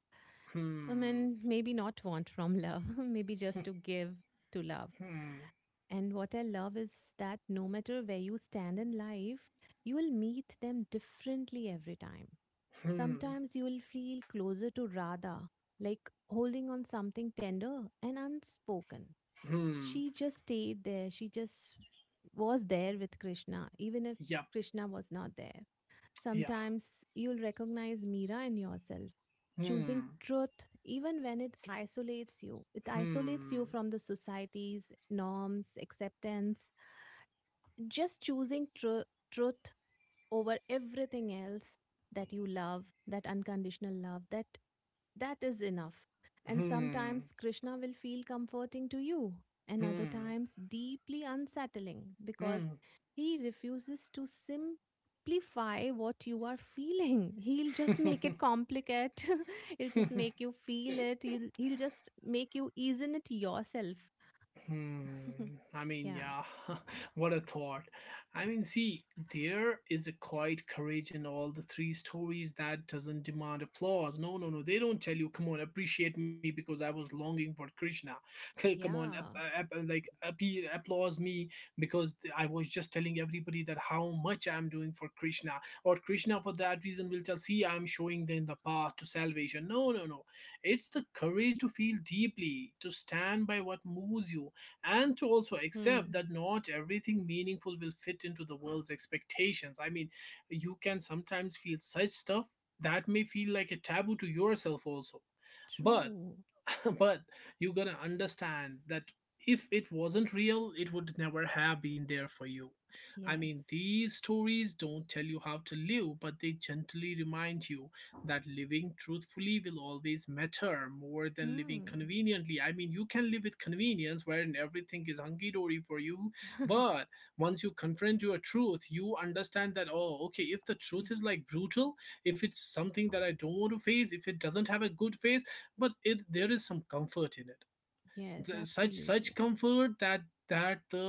I Hmm. mean, maybe not want from love, maybe just to give to love. Hmm. And what I love is that no matter where you stand in life, you will meet them differently every time. Hmm. Sometimes you will feel closer to Radha, like holding on something tender and unspoken. Hmm. She just stayed there, she just was there with Krishna, even if Yep. Krishna was not there. Yeah. Sometimes you'll recognize Mira in yourself, choosing Hmm. truth even when it isolates you. It isolates Hmm. you from the society's norms, acceptance. Just choosing truth over everything else, that you love, that unconditional love, that that is enough. And Hmm. sometimes Krishna will feel comforting to you, and other Hmm. times deeply unsettling because he refuses to simplify what you are feeling. He'll just make it complicate. He'll just Hmm. make you feel it, he'll just make you ease in it yourself. Hmm. I mean, Yeah. yeah, what a thought. I mean, see, there is a quiet courage in all the three stories that doesn't demand applause. No, no, no. They don't tell you, come on, appreciate me because I was longing for Krishna. Come on, Yeah. Applause me because I was just telling everybody that how much I'm doing for Krishna. Or Krishna, for that reason, will tell, see, I'm showing them the path to salvation. No, no, no. It's the courage to feel deeply, to stand by what moves you, and to also accept Hmm. that not everything meaningful will fit into the world's expectations. I mean, you can sometimes feel such stuff that may feel like a taboo to yourself also. But True. but you gotta understand that if it wasn't real, it would never have been there for you. I Yes. mean, these stories don't tell you how to live, but they gently remind you that living truthfully will always matter more than living Hmm. conveniently. I mean, you can live with convenience wherein everything is hunky dory for you, but once you confront your truth, you understand that, oh, okay, if the truth is like brutal, if it's something that I don't want to face, if it doesn't have a good face, but it there is some comfort in it. Yes, Such absolutely. comfort that the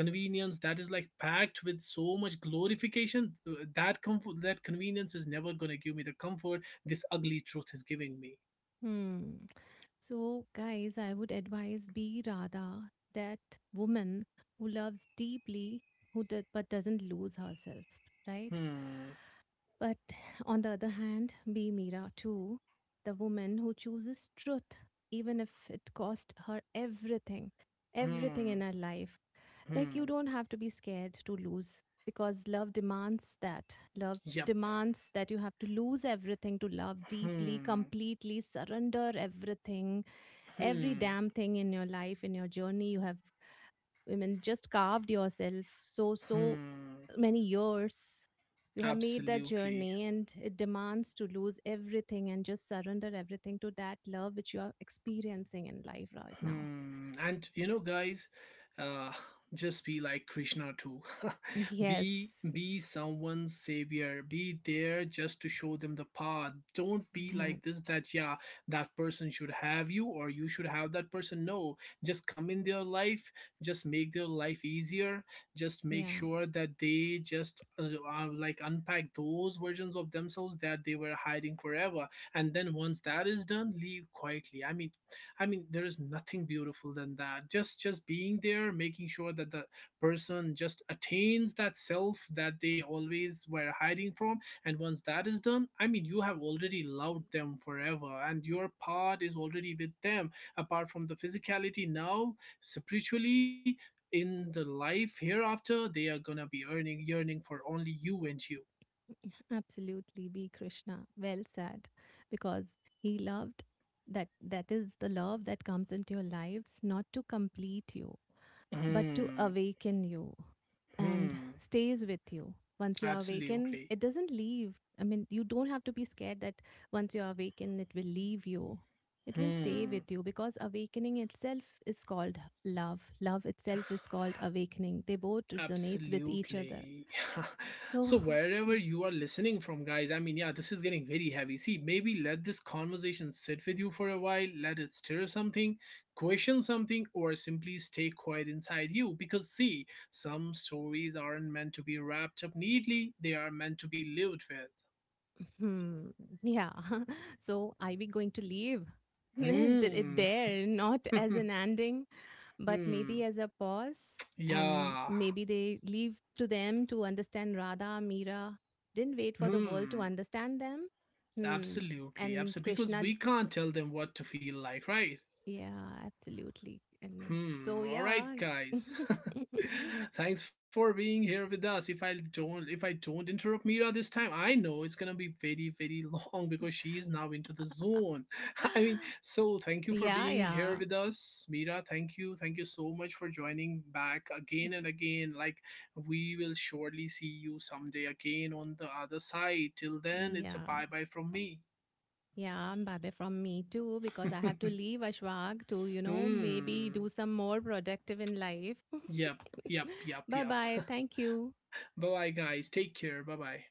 convenience that is like packed with so much glorification, that comfort, that convenience, is never going to give me the comfort this ugly truth is giving me. Hmm. So, guys, I would advise be Radha, that woman who loves deeply, but doesn't lose herself, right? Hmm. But on the other hand, be Mira too, the woman who chooses truth, even if it cost her everything, everything in Hmm. her life. Like, you Hmm. don't have to be scared to lose because love demands that. Love Yep. demands that you have to lose everything to love deeply, Hmm. completely, surrender everything, every Hmm. damn thing in your life, in your journey you have I mean, just carved yourself so, so Hmm. many years. You have made that Absolutely. journey, and it demands to lose everything and just surrender everything to that love which you are experiencing in life right now. Hmm. And you know, guys, uh, just be like Krishna too. be Yes. be someone's savior. Be there just to show them the path. Don't be Yeah. like this that, yeah, that person should have you or you should have that person. No, just come in their life. Just make their life easier. Just make Yeah. sure that they just like unpack those versions of themselves that they were hiding forever. And then once that is done, leave quietly. I mean, there is nothing beautiful than that. Just being there, making sure that the person just attains that self that they always were hiding from. And once that is done, I mean, you have already loved them forever, and your part is already with them. Apart from the physicality, now spiritually. In the life hereafter, they are gonna be earning yearning for only you and you. Absolutely. Be Krishna. Well said. Because he loved, that that is the love that comes into your lives, not to complete you but to Hmm. awaken you, and Hmm. stays with you. Once you are awakened, Absolutely. it doesn't leave. I mean, you don't have to be scared that once you are awakened, it will leave you. It will stay Hmm. with you because awakening itself is called love. Love itself is called awakening. They both resonate with each other. Absolutely. So. So wherever you are listening from, guys, I mean, yeah, this is getting very heavy. See, maybe let this conversation sit with you for a while, let it stir something, question something, or simply stay quiet inside you. Because see, some stories aren't meant to be wrapped up neatly, they are meant to be lived Hmm. Yeah. So are we going to leave it with. there, not as Hmm. an ending, but maybe Hmm. as a pause? And Yeah. maybe they leave to them to understand Radha, Meera didn't wait for the world to Hmm. understand them. Hmm. Absolutely. And Absolutely. Because Krishna, we can't tell them what to feel like, right? yeah, absolutely. And Hmm. so, All right, yeah. guys. Thanks for being here with us. If I don't interrupt Mira this time, I know it's gonna be very, very long because she is now into the zone. I mean, so thank you for Yeah, being here yeah. with us, Mira. Thank you so much for joining back again and again. Like we will surely see you someday again on the other side. Till then, it's a Yeah. bye bye from me. Yeah, I'm Babe from me too because I have to leave Ashwag to, maybe Hmm. do some more productive in life. Yep, yep, yep, Bye yep. bye. Thank you. Bye bye, guys. Take care. Bye bye.